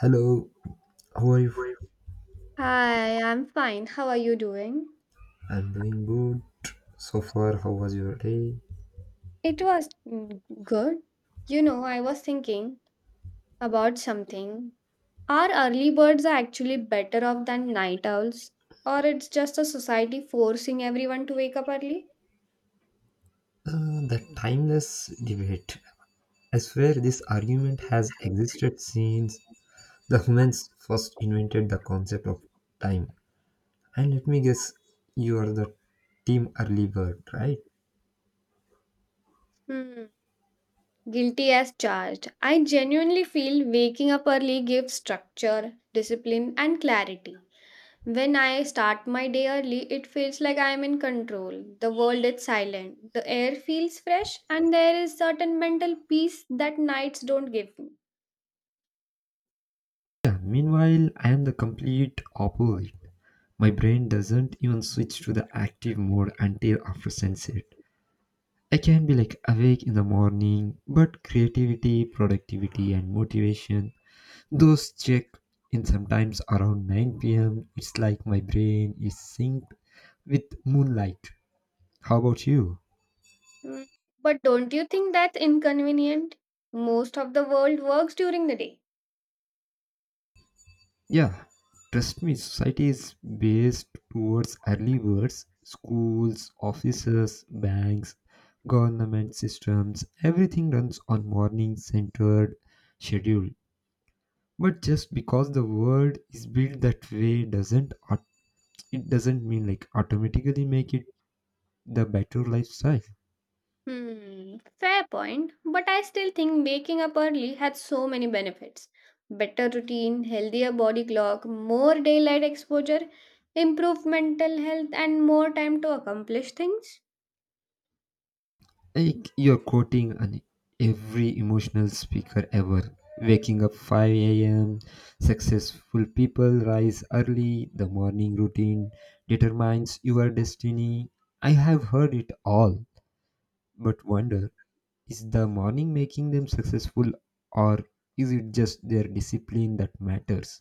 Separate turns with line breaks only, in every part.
Hello, how are you?
Hi, I'm fine. How are you doing?
I'm doing good. So far, how was your day?
It was good. You know, I was thinking about something. Are early birds are actually better off than night owls? Or it's just a society forcing everyone to wake up early?
The timeless debate. I swear this argument has existed since the humans first invented the concept of time. And let me guess, you are the team early bird, right?
Hmm. Guilty as charged. I genuinely feel waking up early gives structure, discipline, and clarity. When I start my day early, it feels like I am in control. The world is silent, the air feels fresh, and there is certain mental peace that nights don't give me.
Yeah, meanwhile, I am the complete opposite. My brain doesn't even switch to the active mode until after sunset. I can be like awake in the morning, but creativity, productivity, and motivation, those check in sometimes around 9 pm. It's like my brain is synced with moonlight. How about you?
Mm, But don't you think that's inconvenient? Most of the world works during the day.
Yeah, trust me, society is based towards early birds, schools, offices, banks, government systems, everything runs on morning centered schedule. But just because the world is built that way doesn't aut- it doesn't mean like automatically make it the better lifestyle.
Hmm, fair point, but I still think waking up early has so many benefits. Better routine, healthier body clock, more daylight exposure, improved mental health, and more time to accomplish things.
Like you're quoting an every emotional speaker ever. Waking up 5 a.m, successful people rise early, the morning routine determines your destiny. I have heard it all, but wonder, is the morning making them successful, or is it just their discipline that matters?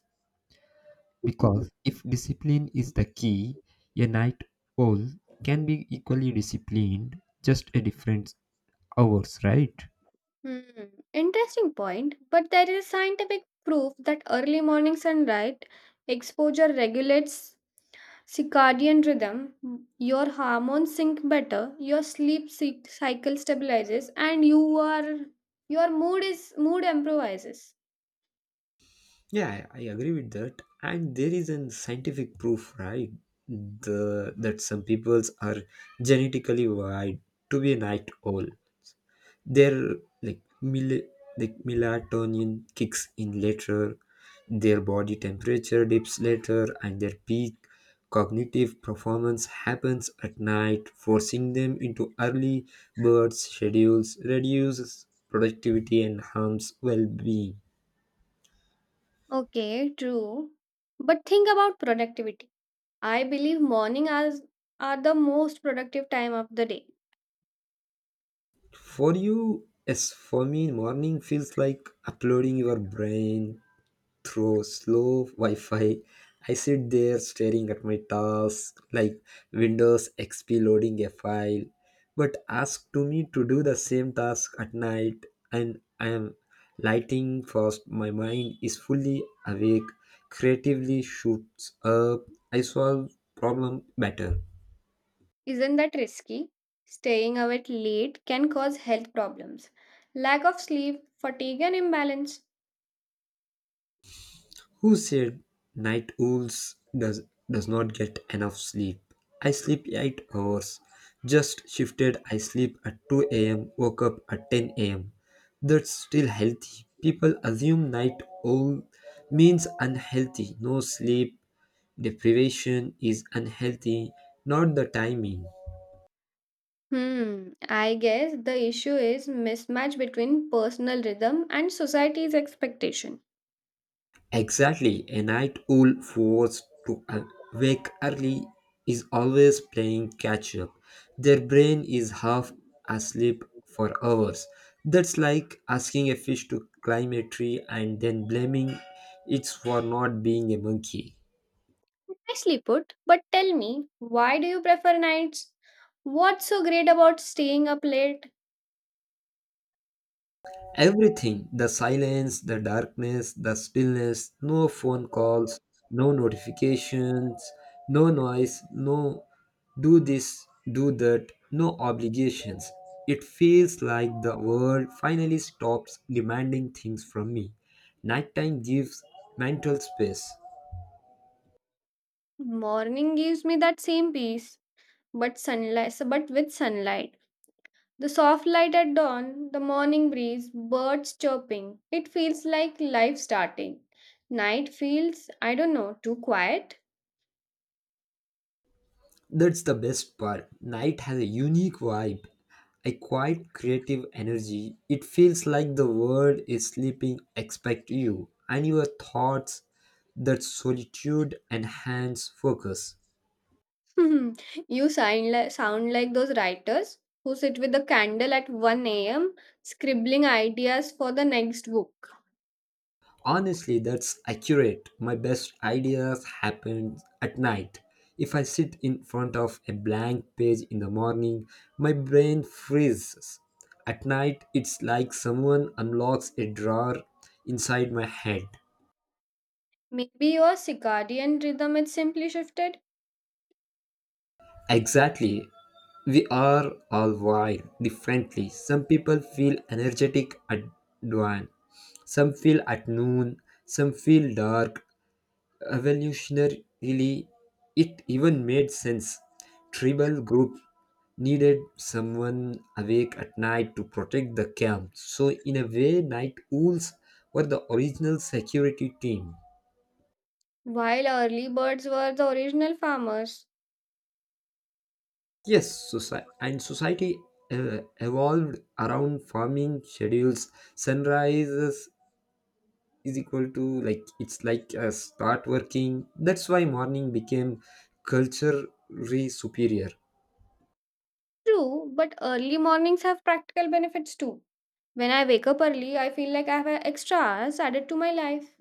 Because if discipline is the key, a night owl can be equally disciplined, just a different hours, right?
Hmm, interesting point. But there is scientific proof that early morning sunlight exposure regulates circadian rhythm. Your hormones sync better, your cycle stabilizes, and your mood improvises.
Yeah, I agree with that. And there is an scientific proof, right? The that some peoples are genetically wired to be an night owl. Their like like melatonin kicks in later, their body temperature dips later, and their peak cognitive performance happens at night. Forcing them into early bird schedules reduces productivity and harms well-being.
Okay, true. But think about productivity. I believe morning hours are the most productive time of the day.
For you, as for me, morning feels like uploading your brain through slow Wi-Fi. I sit there staring at my task like Windows XP loading a file, but ask to me to do the same task at night, and I am lighting fast. My mind is fully awake, creatively shoots up. I solve problem better.
Isn't that risky? Staying awake late can cause health problems. Lack of sleep, fatigue, and imbalance.
Who said night owls does does not get enough sleep? I sleep 8 hours. Just shifted, I sleep at 2 a.m., woke up at 10 a.m. That's still healthy. People assume night owl means unhealthy. No, sleep deprivation is unhealthy, not the timing.
Hmm, I guess the issue is mismatch between personal rhythm and society's expectation.
Exactly, a night owl forced to wake early is always playing catch up. Their brain is half asleep for hours. That's like asking a fish to climb a tree and then blaming it for not being a monkey.
Nicely put, but tell me, why do you prefer nights? What's so great about staying up late?
Everything, the silence, the darkness, the stillness, no phone calls, no notifications, no noise, no do this, do that, no obligations. It feels like the world finally stops demanding things from me. Nighttime gives mental space.
Morning gives me that same peace, but with sunlight. The soft light at dawn, the morning breeze, birds chirping. It feels like life starting. Night feels, I don't know, too quiet.
That's the best part. Night has a unique vibe, a quiet creative energy. It feels like the world is sleeping expect you and your thoughts, that solitude enhance focus.
You sound like those writers who sit with a candle at 1 a.m., scribbling ideas for the next book.
Honestly, that's accurate. My best ideas happen at night. If I sit in front of a blank page in the morning, my brain freezes. At night, it's like someone unlocks a drawer inside my head.
Maybe your circadian rhythm is simply shifted,
Exactly. We are all wired differently. Some people feel energetic at dawn, some feel at noon, some feel dark. Evolutionarily, it even made sense. Tribal groups needed someone awake at night to protect the camp. So, in a way, night owls were the original security team.
while early birds were the original farmers.
Yes, and society evolved around farming schedules. Sunrises is equal to like it's like a start working. That's why morning became culturally superior.
True, but early mornings have practical benefits too. When I wake up early, I feel like I have extra hours added to my life.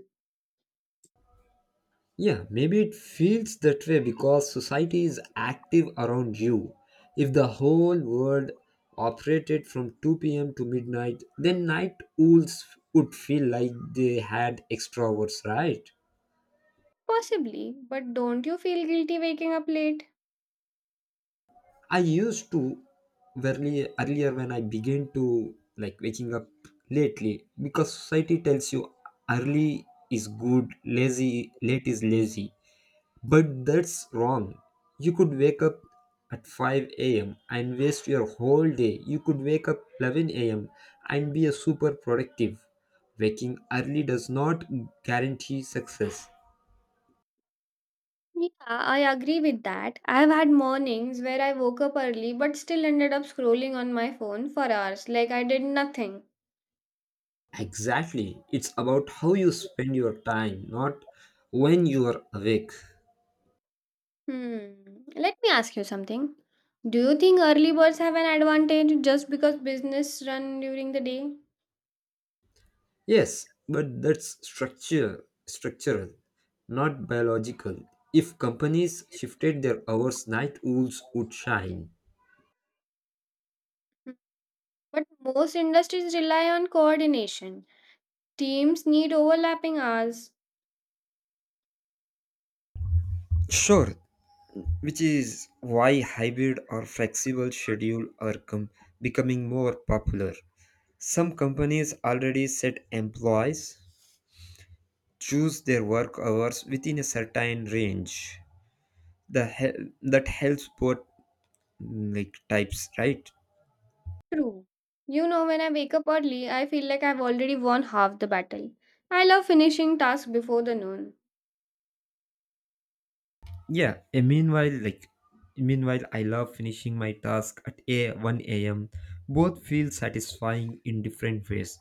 Yeah, maybe it feels that way because society is active around you. If the whole world operated from 2 p.m. to midnight, then night owls would feel like they had extra hours, right?
Possibly, but don't you feel guilty waking up late?
I used to, earlier, when I began to like waking up lately, because society tells you early is good, lazy late is lazy. But that's wrong. You could wake up at 5 a.m. and waste your whole day. You could wake up 11 a.m. and be a super productive. Waking early does not guarantee success.
Yeah, I agree with that. I have had mornings where I woke up early but still ended up scrolling on my phone for hours, like I did nothing.
Exactly. It's about how you spend your time, not when you are awake.
Hmm. Let me ask you something. Do you think early birds have an advantage just because business run during the day?
Yes, but that's structure, structural, not biological. If companies shifted their hours, night owls would shine.
Hmm. But most industries rely on coordination. Teams need overlapping hours.
Sure, which is why hybrid or flexible schedule are becoming more popular. Some companies already set employees choose their work hours within a certain range. That helps both like types, right?
True. You know, when I wake up early, I feel like I've already won half the battle. I love finishing tasks before the noon.
Yeah, and meanwhile, I love finishing my task at a 1 a.m. Both feel satisfying in different ways.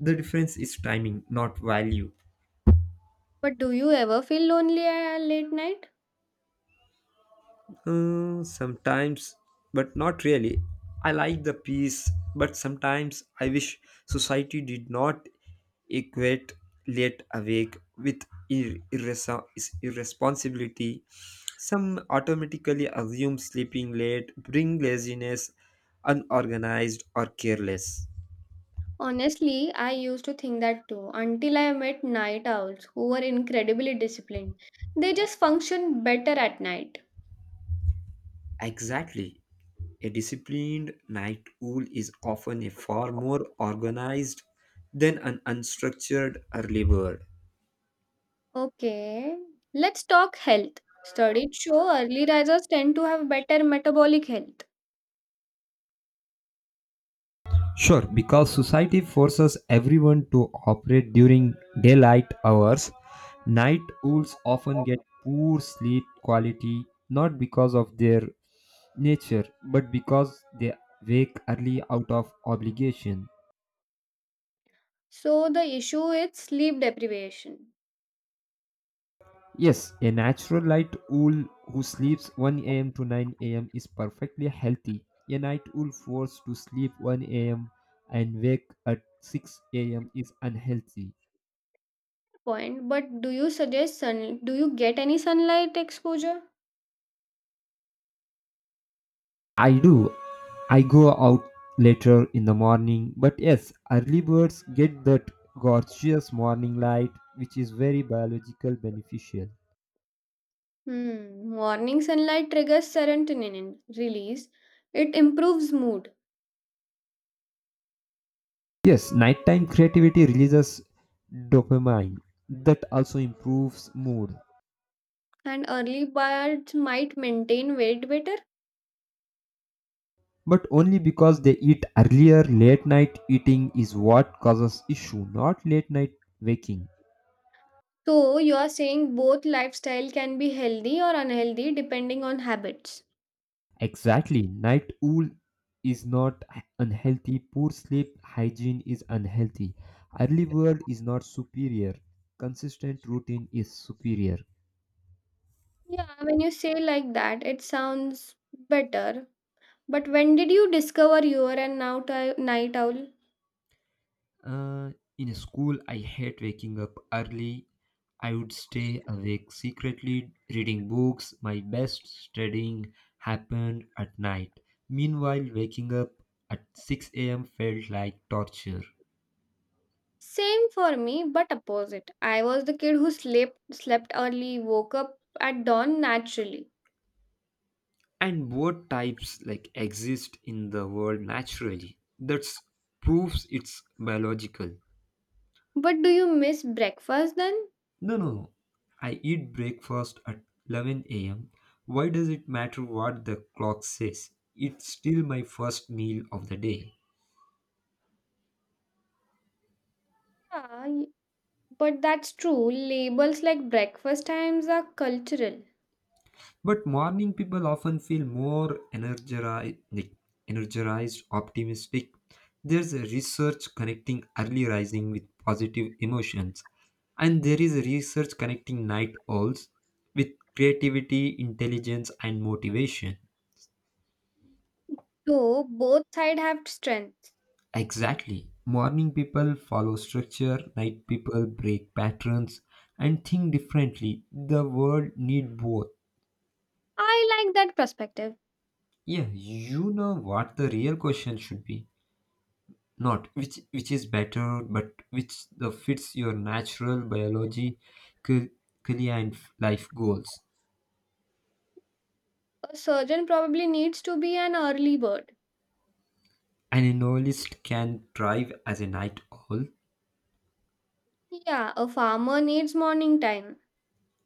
The difference is timing, not value.
But do you ever feel lonely at late night?
Sometimes, but not really. I like the peace, but sometimes I wish society did not equate late awake with irresponsibility. Some automatically assume sleeping late bring laziness, unorganized, or careless.
Honestly, I used to think that too until I met night owls who were incredibly disciplined. They just function better at night.
Exactly. A disciplined night owl is often a far more organized than an unstructured early bird.
Okay, let's talk health. Studies show early risers tend to have better metabolic health.
Sure, because society forces everyone to operate during daylight hours, night owls often get poor sleep quality not because of their nature but because they wake early out of obligation.
So the issue is sleep deprivation.
Yes, a natural light owl who sleeps 1 a.m. to 9 a.m. is perfectly healthy. A night owl forced to sleep 1 a.m. and wake at 6 a.m. is unhealthy.
Point, but do you suggest sun? Do you get any sunlight exposure?
I do. I go out later in the morning, but yes, early birds get that gorgeous morning light, which is very biological beneficial.
Hmm. Morning sunlight triggers serotonin release. It improves mood,
Yes, nighttime creativity releases dopamine that also improves mood.
and early birds might maintain weight better.
But only because they eat earlier, late night eating is what causes issue, not late night waking.
So you are saying both lifestyle can be healthy or unhealthy depending on habits.
Exactly. Night owl is not unhealthy. Poor sleep hygiene is unhealthy. Early world is not superior. Consistent routine is superior.
Yeah, when you say like that, it sounds better. But when did you discover you are a night owl?
Uh, in school, I hate waking up early. I would stay awake secretly, reading books. My best studying happened at night. Meanwhile, waking up at 6 a.m. felt like torture.
Same for me, but opposite. I was the kid who slept early, woke up at dawn naturally.
And both types like exist in the world naturally. That's proves it's biological.
But do you miss breakfast then?
No, no, no. I eat breakfast at 11 a.m. Why does it matter what the clock says? It's still my first meal of the day.
Yeah, y- but that's true. Labels like breakfast times are cultural.
But morning people often feel more energized, optimistic. There's a research connecting early rising with positive emotions, and there is a research connecting night owls with creativity, intelligence, and motivation.
So both sides have strengths.
Exactly. Morning people follow structure, night people break patterns and think differently. The world need both.
I like that perspective.
Yeah, you know what the real question should be. Not which is better, but which the fits your natural biology, ca- career, and life goals.
A surgeon probably needs to be an early bird.
An analyst can thrive as a night owl,
Yeah, a farmer needs morning time.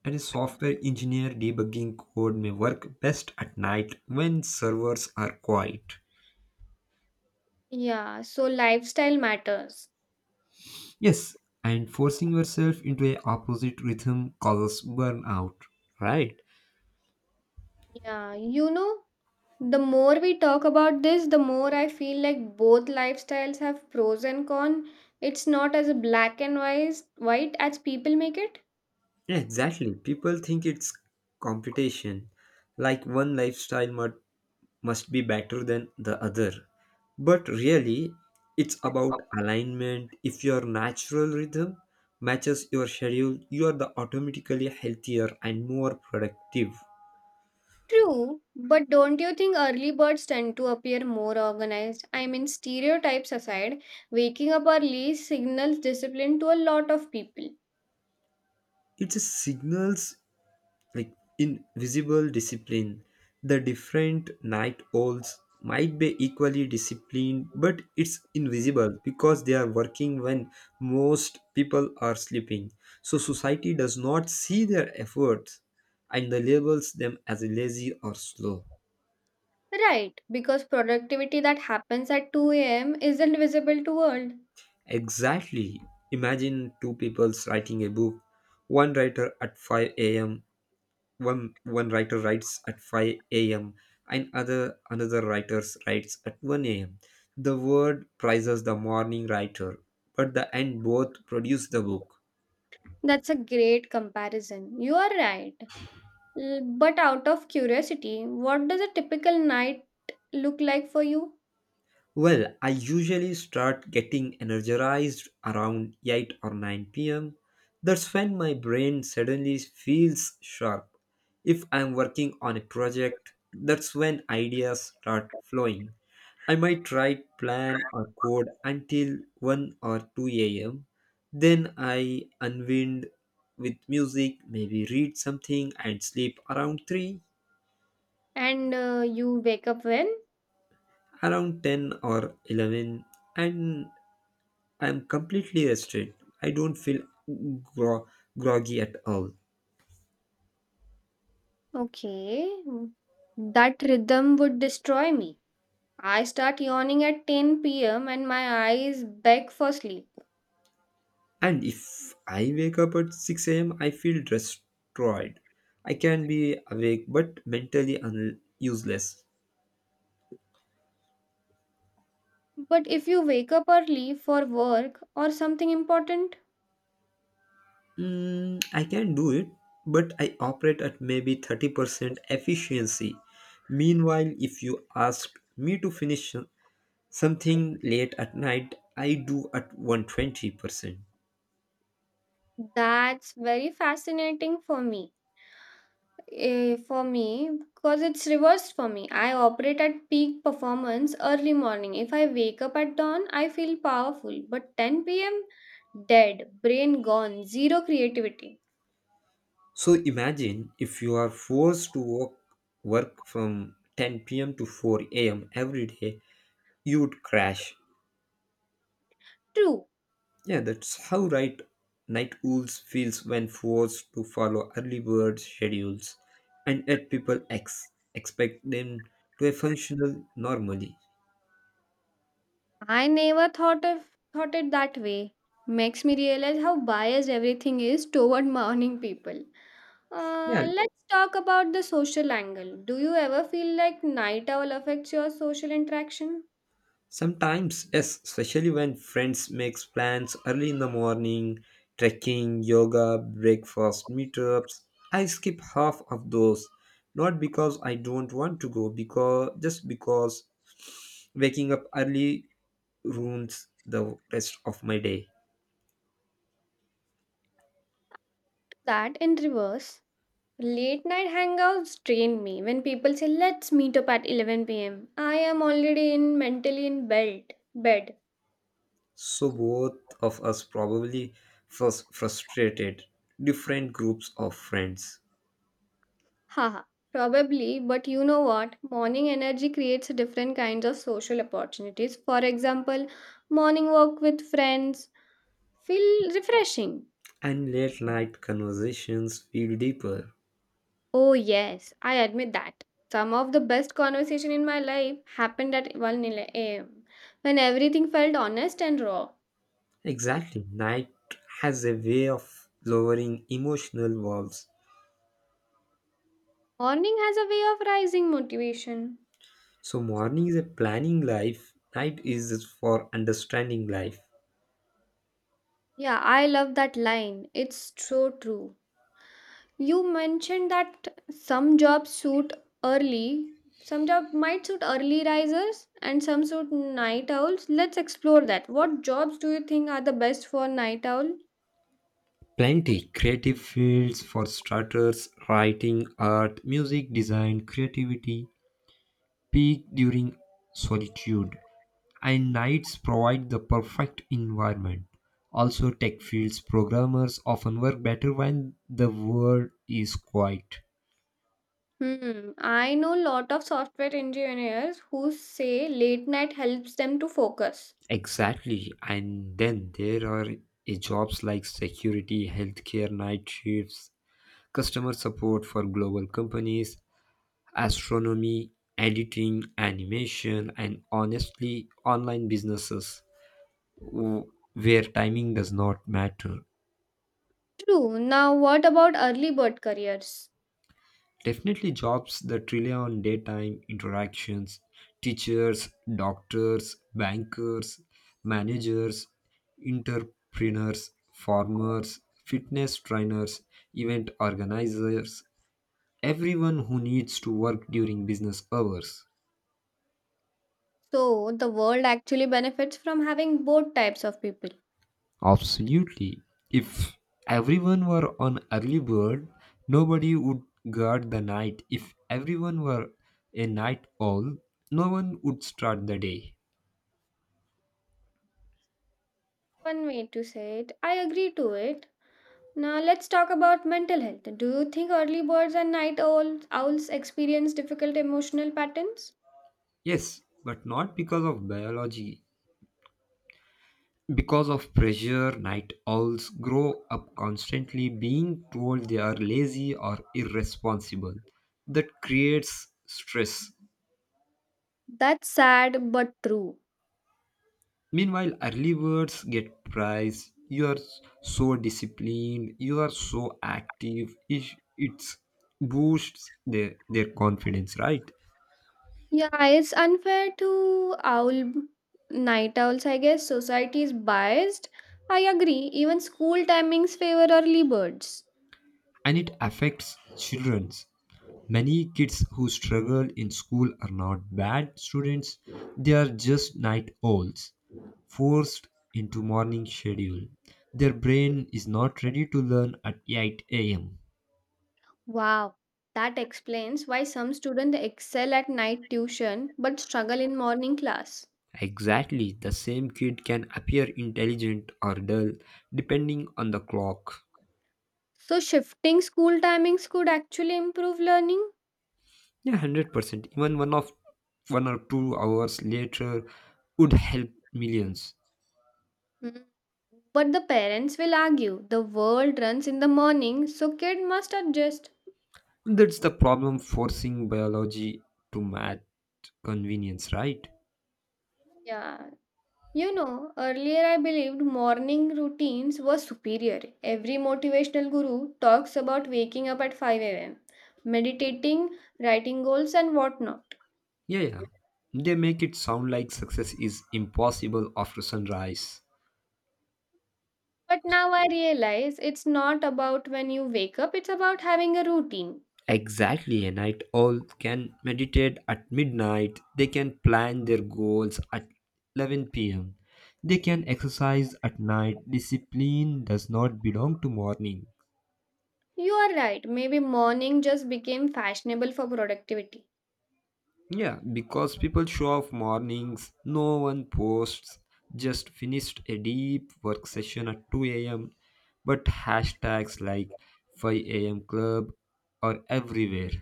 and a software engineer debugging code may work best at night when servers are quiet.
Yeah, so lifestyle matters.
Yes. And forcing yourself into a opposite rhythm causes burnout, right?
Yeah, you know, the more we talk about this, the more I feel like both lifestyles have pros and cons. It's not as black and wise, white as people make it.
Yeah, exactly. People think it's competition, like one lifestyle must be better than the other. But really, it's about alignment. If your natural rhythm matches your schedule, you are the automatically healthier and more productive.
True, but don't you think early birds tend to appear more organized? I mean, stereotypes aside, waking up early signals discipline to a lot of people.
It's a signals, like invisible discipline. The different night owls might be equally disciplined, but it's invisible because they are working when most people are sleeping, so society does not see their efforts and they labels them as lazy or slow.
Right, because productivity that happens at 2 a.m isn't visible to world.
Exactly. Imagine two people writing a book, one writer at 5 a.m. One writer writes at 5 a.m., and other another writer writes at 1 a.m. The word prizes the morning writer, but the end both produce the book.
That's a great comparison, you are right. But out of curiosity, what does a typical night look like for you?
Well, I usually start getting energized around 8 or 9 pm. That's when my brain suddenly feels sharp. If I'm working on a project, that's when ideas start flowing. I might write, plan, or code until 1 or 2 am. Then I unwind with music, maybe read something and sleep around 3,
And you wake up when?
around 10 or 11, and I'm completely rested. I don't feel gro- groggy at all.
Okay, that rhythm would destroy me. I start yawning at 10 p.m. and my eyes beg for sleep.
And if I wake up at 6 a.m., I feel destroyed. I can be awake but mentally useless.
But if you wake up early for work or something important,
I can do it, but I operate at maybe 30% efficiency. Meanwhile, if you ask me to finish something late at night, I do at 120%.
that's very fascinating for me. For me, because it's reversed for me. I operate at peak performance early morning. If I wake up at dawn, I feel powerful. But 10 p.m., dead, brain gone, zero creativity.
So imagine if you are forced to work from 10 p.m. to 4 a.m. every day, you would crash.
True.
Yeah, that's how right night owls feels when forced to follow early bird schedules, and yet people expect them to a functional normally.
I never thought it that way. Makes me realize how biased everything is toward morning people.
Yeah,
Let's talk about the social angle. Do you ever feel like night owl affects your social interaction?
sometimes, yes, especially when friends makes plans early in the morning, trekking, yoga, breakfast, meetups. I skip half of those, not because I don't want to go, because just because waking up early ruins the rest of my day.
That in reverse. Late night hangouts drain me. When people say, let's meet up at 11 p.m., I am already in mentally in bed. Bed.
So both of us probably first frustrated different groups of friends,
Haha. Probably, but you know what? Morning energy creates different kinds of social opportunities. For example, morning walk with friends feel refreshing.
and late night conversations feel deeper.
Oh yes, I admit that. Some of the best conversation in my life happened at 1 a.m. when everything felt honest and raw.
Exactly. Night has a way of lowering emotional walls.
Morning has a way of rising motivation.
So morning is a planning life, night is for understanding life.
Yeah, I love that line. It's so true. You mentioned that some jobs suit early, some job might suit early risers, and some suit night owls. Let's explore that. What jobs do you think are the best for night owl?
Plenty creative fields for starters, writing, art, music, design, creativity peak during solitude. And nights provide the perfect environment. Also, tech fields programmers often work better when the world is quiet.
Hmm, I know lot of software engineers who say late night helps them to focus.
Exactly. And then there are jobs like security, healthcare, night shifts, customer support for global companies, astronomy, editing, animation, and honestly, online businesses where timing does not matter.
True. Now, what about early bird careers?
Definitely jobs that rely on daytime interactions, teachers, doctors, bankers, managers, entrepreneurs, farmers, fitness trainers, event organizers, everyone who needs to work during business hours.
So, the world actually benefits from having both types of people.
Absolutely. If everyone were on early bird, nobody would guard the night. If everyone were a night owl, no one would start the day.
One way to say it. I agree to it. Now let's talk about mental health. Do you think early birds and night owls experience difficult emotional patterns?
Yes, but not because of biology. Because of pressure, night owls grow up constantly being told they are lazy or irresponsible. That creates stress.
That's sad but true.
Meanwhile, early birds get praise. You are so disciplined, you are so active. It boosts their confidence, right?
Yeah, it's unfair to owl night owls, I guess. Society is biased. I agree. Even school timings favor early birds.
And it affects childrens. Many kids who struggle in school are not bad students, they are just night owls forced into morning schedule. Their brain is not ready to learn at 8 a.m.
Wow. That explains why some students excel at night tuition but struggle in morning class.
Exactly, the same kid can appear intelligent or dull depending on the clock.
So shifting school timings could actually improve learning.
Yeah, 100%. Even one or two hours later would help millions.
Hmm. But the parents will argue the world runs in the morning, so kid must adjust.
That's the problem forcing biology to match convenience, right?
Yeah. You know, earlier I believed morning routines were superior. Every motivational guru talks about waking up at 5 a.m., meditating, writing goals, and whatnot.
Yeah. They make it sound like success is impossible after sunrise.
But now I realize it's not about when you wake up, it's about having a routine.
Exactly, a night owl can meditate at midnight. They can plan their goals at 11 pm. They can exercise at night. Discipline does not belong to morning.
You are right. Maybe morning just became fashionable for productivity.
Yeah, because people show off mornings, no one posts. Just finished a deep work session at 2 a.m. But hashtags like 5 a.m. club are everywhere.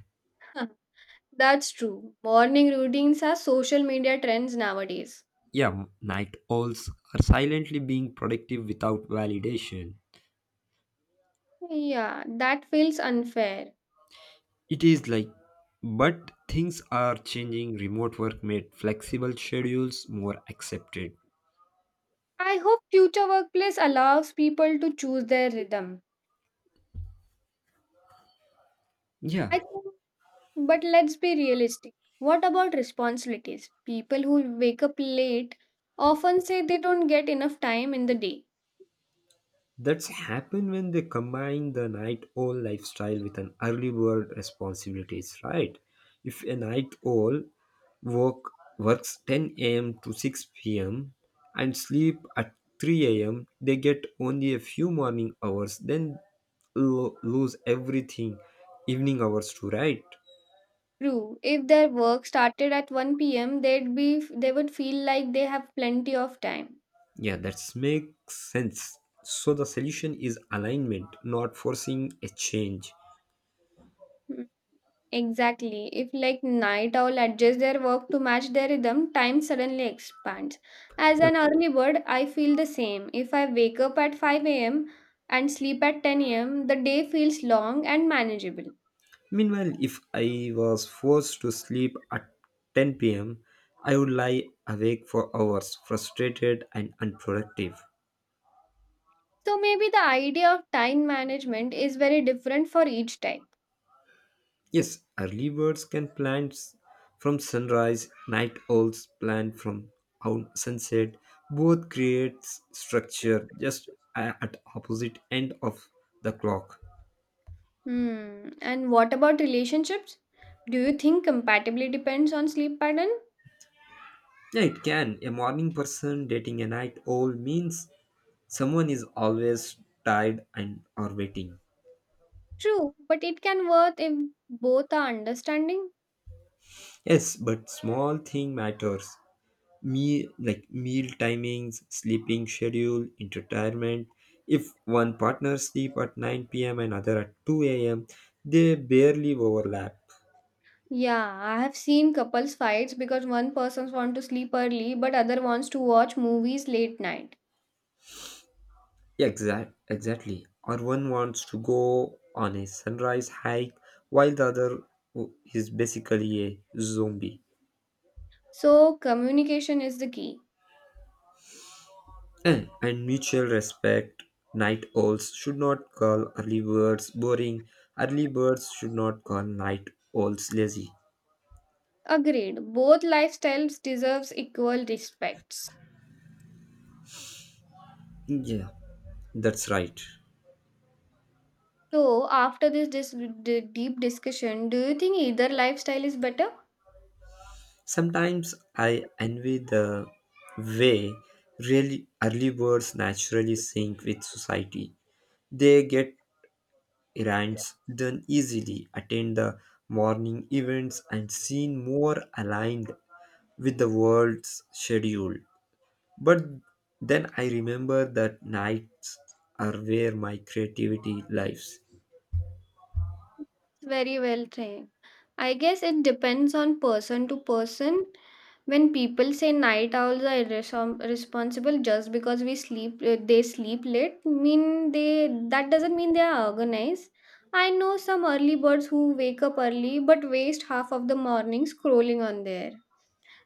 That's true. Morning routines are social media trends nowadays.
Yeah, night owls are silently being productive without validation.
Yeah, that feels unfair.
It is like, but things are changing. Remote work made flexible schedules more accepted.
I hope future workplace allows people to choose their rhythm.
Yeah.
I think, but let's be realistic. What about responsibilities? People who wake up late often say they don't get enough time in the day.
That's happened when they combine the night owl lifestyle with an early bird responsibilities, right? If a night owl work, works 10 a.m. to 6 p.m. and sleep at 3 a.m., they get only a few morning hours, then lose everything, evening hours to right?
True, if their work started at 1 p.m., they would feel like they have plenty of time.
Yeah, that makes sense. So the solution is alignment, not forcing a change.
Exactly. If like night owl adjusts their work to match their rhythm, time suddenly expands. As an early bird, I feel the same. If I wake up at 5 a.m. and sleep at 10 a.m., the day feels long and manageable.
Meanwhile, if I was forced to sleep at 10 p.m., I would lie awake for hours, frustrated and unproductive.
So maybe the idea of time management is very different for each type.
Yes, early birds can from sunrise, night owls plan from sunset. Both creates structure just at opposite end of the clock.
Hmm. And what about relationships? Do you think compatibility depends on sleep pattern?
Yeah, it can. A morning person dating a night owl means someone is always tired and or waiting.
True, but it can work if both are understanding.
Yes, but small thing matters. Me like meal timings, sleeping schedule, entertainment. If one partner sleep at 9 p.m. and other at 2 a.m., they barely overlap.
Yeah, I have seen couples fights because one person wants to sleep early but other wants to watch movies late night.
Exactly. Or one wants to go on a sunrise hike while the other is basically a zombie.
So communication is the key.
And mutual respect. Night owls should not call early birds boring. Early birds should not call night owls lazy.
Agreed. Both lifestyles deserves equal respects.
Yeah, that's right.
So after this deep discussion, do you think either lifestyle is better?
Sometimes I envy the way really early birds naturally sync with society. They get errands done easily, attend the morning events, and seem more aligned with the world's schedule. But then I remember that nights are where my creativity lives.
Very well trained. I guess it depends on person to person. When people say night owls are responsible just because we sleep, they sleep late. Mean they That doesn't mean they are organized. I know some early birds who wake up early but waste half of the morning scrolling on there.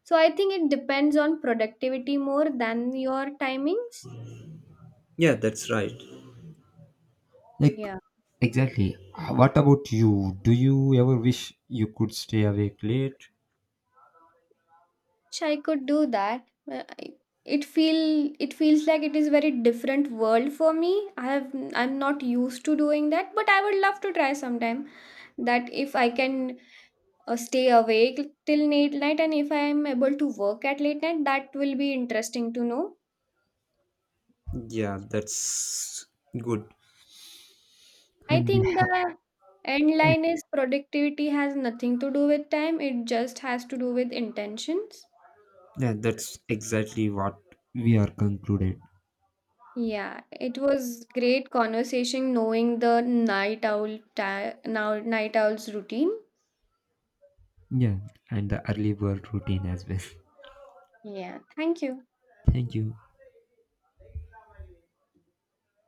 So I think it depends on productivity more than your timings.
Yeah, that's right. Like,
Yeah.
exactly. What about you? Do you ever wish you could stay awake late?
Sh I could do that. Uh, I- It feel it feels like it is very different world for me. I have I'm not used to doing that, but I would love to try sometime. That if I can stay awake till late night and if I am able to work at late night, that will be interesting to know.
Yeah, that's good.
I
And we
think
have.
the end line is productivity has nothing to do with time. It just has to do with intentions.
Yeah, that's exactly what we are concluded.
Yeah, it was great conversation knowing the night owl ti now night owl's routine.
Yeah, and the early bird routine as well.
Yeah, thank you.
Thank you.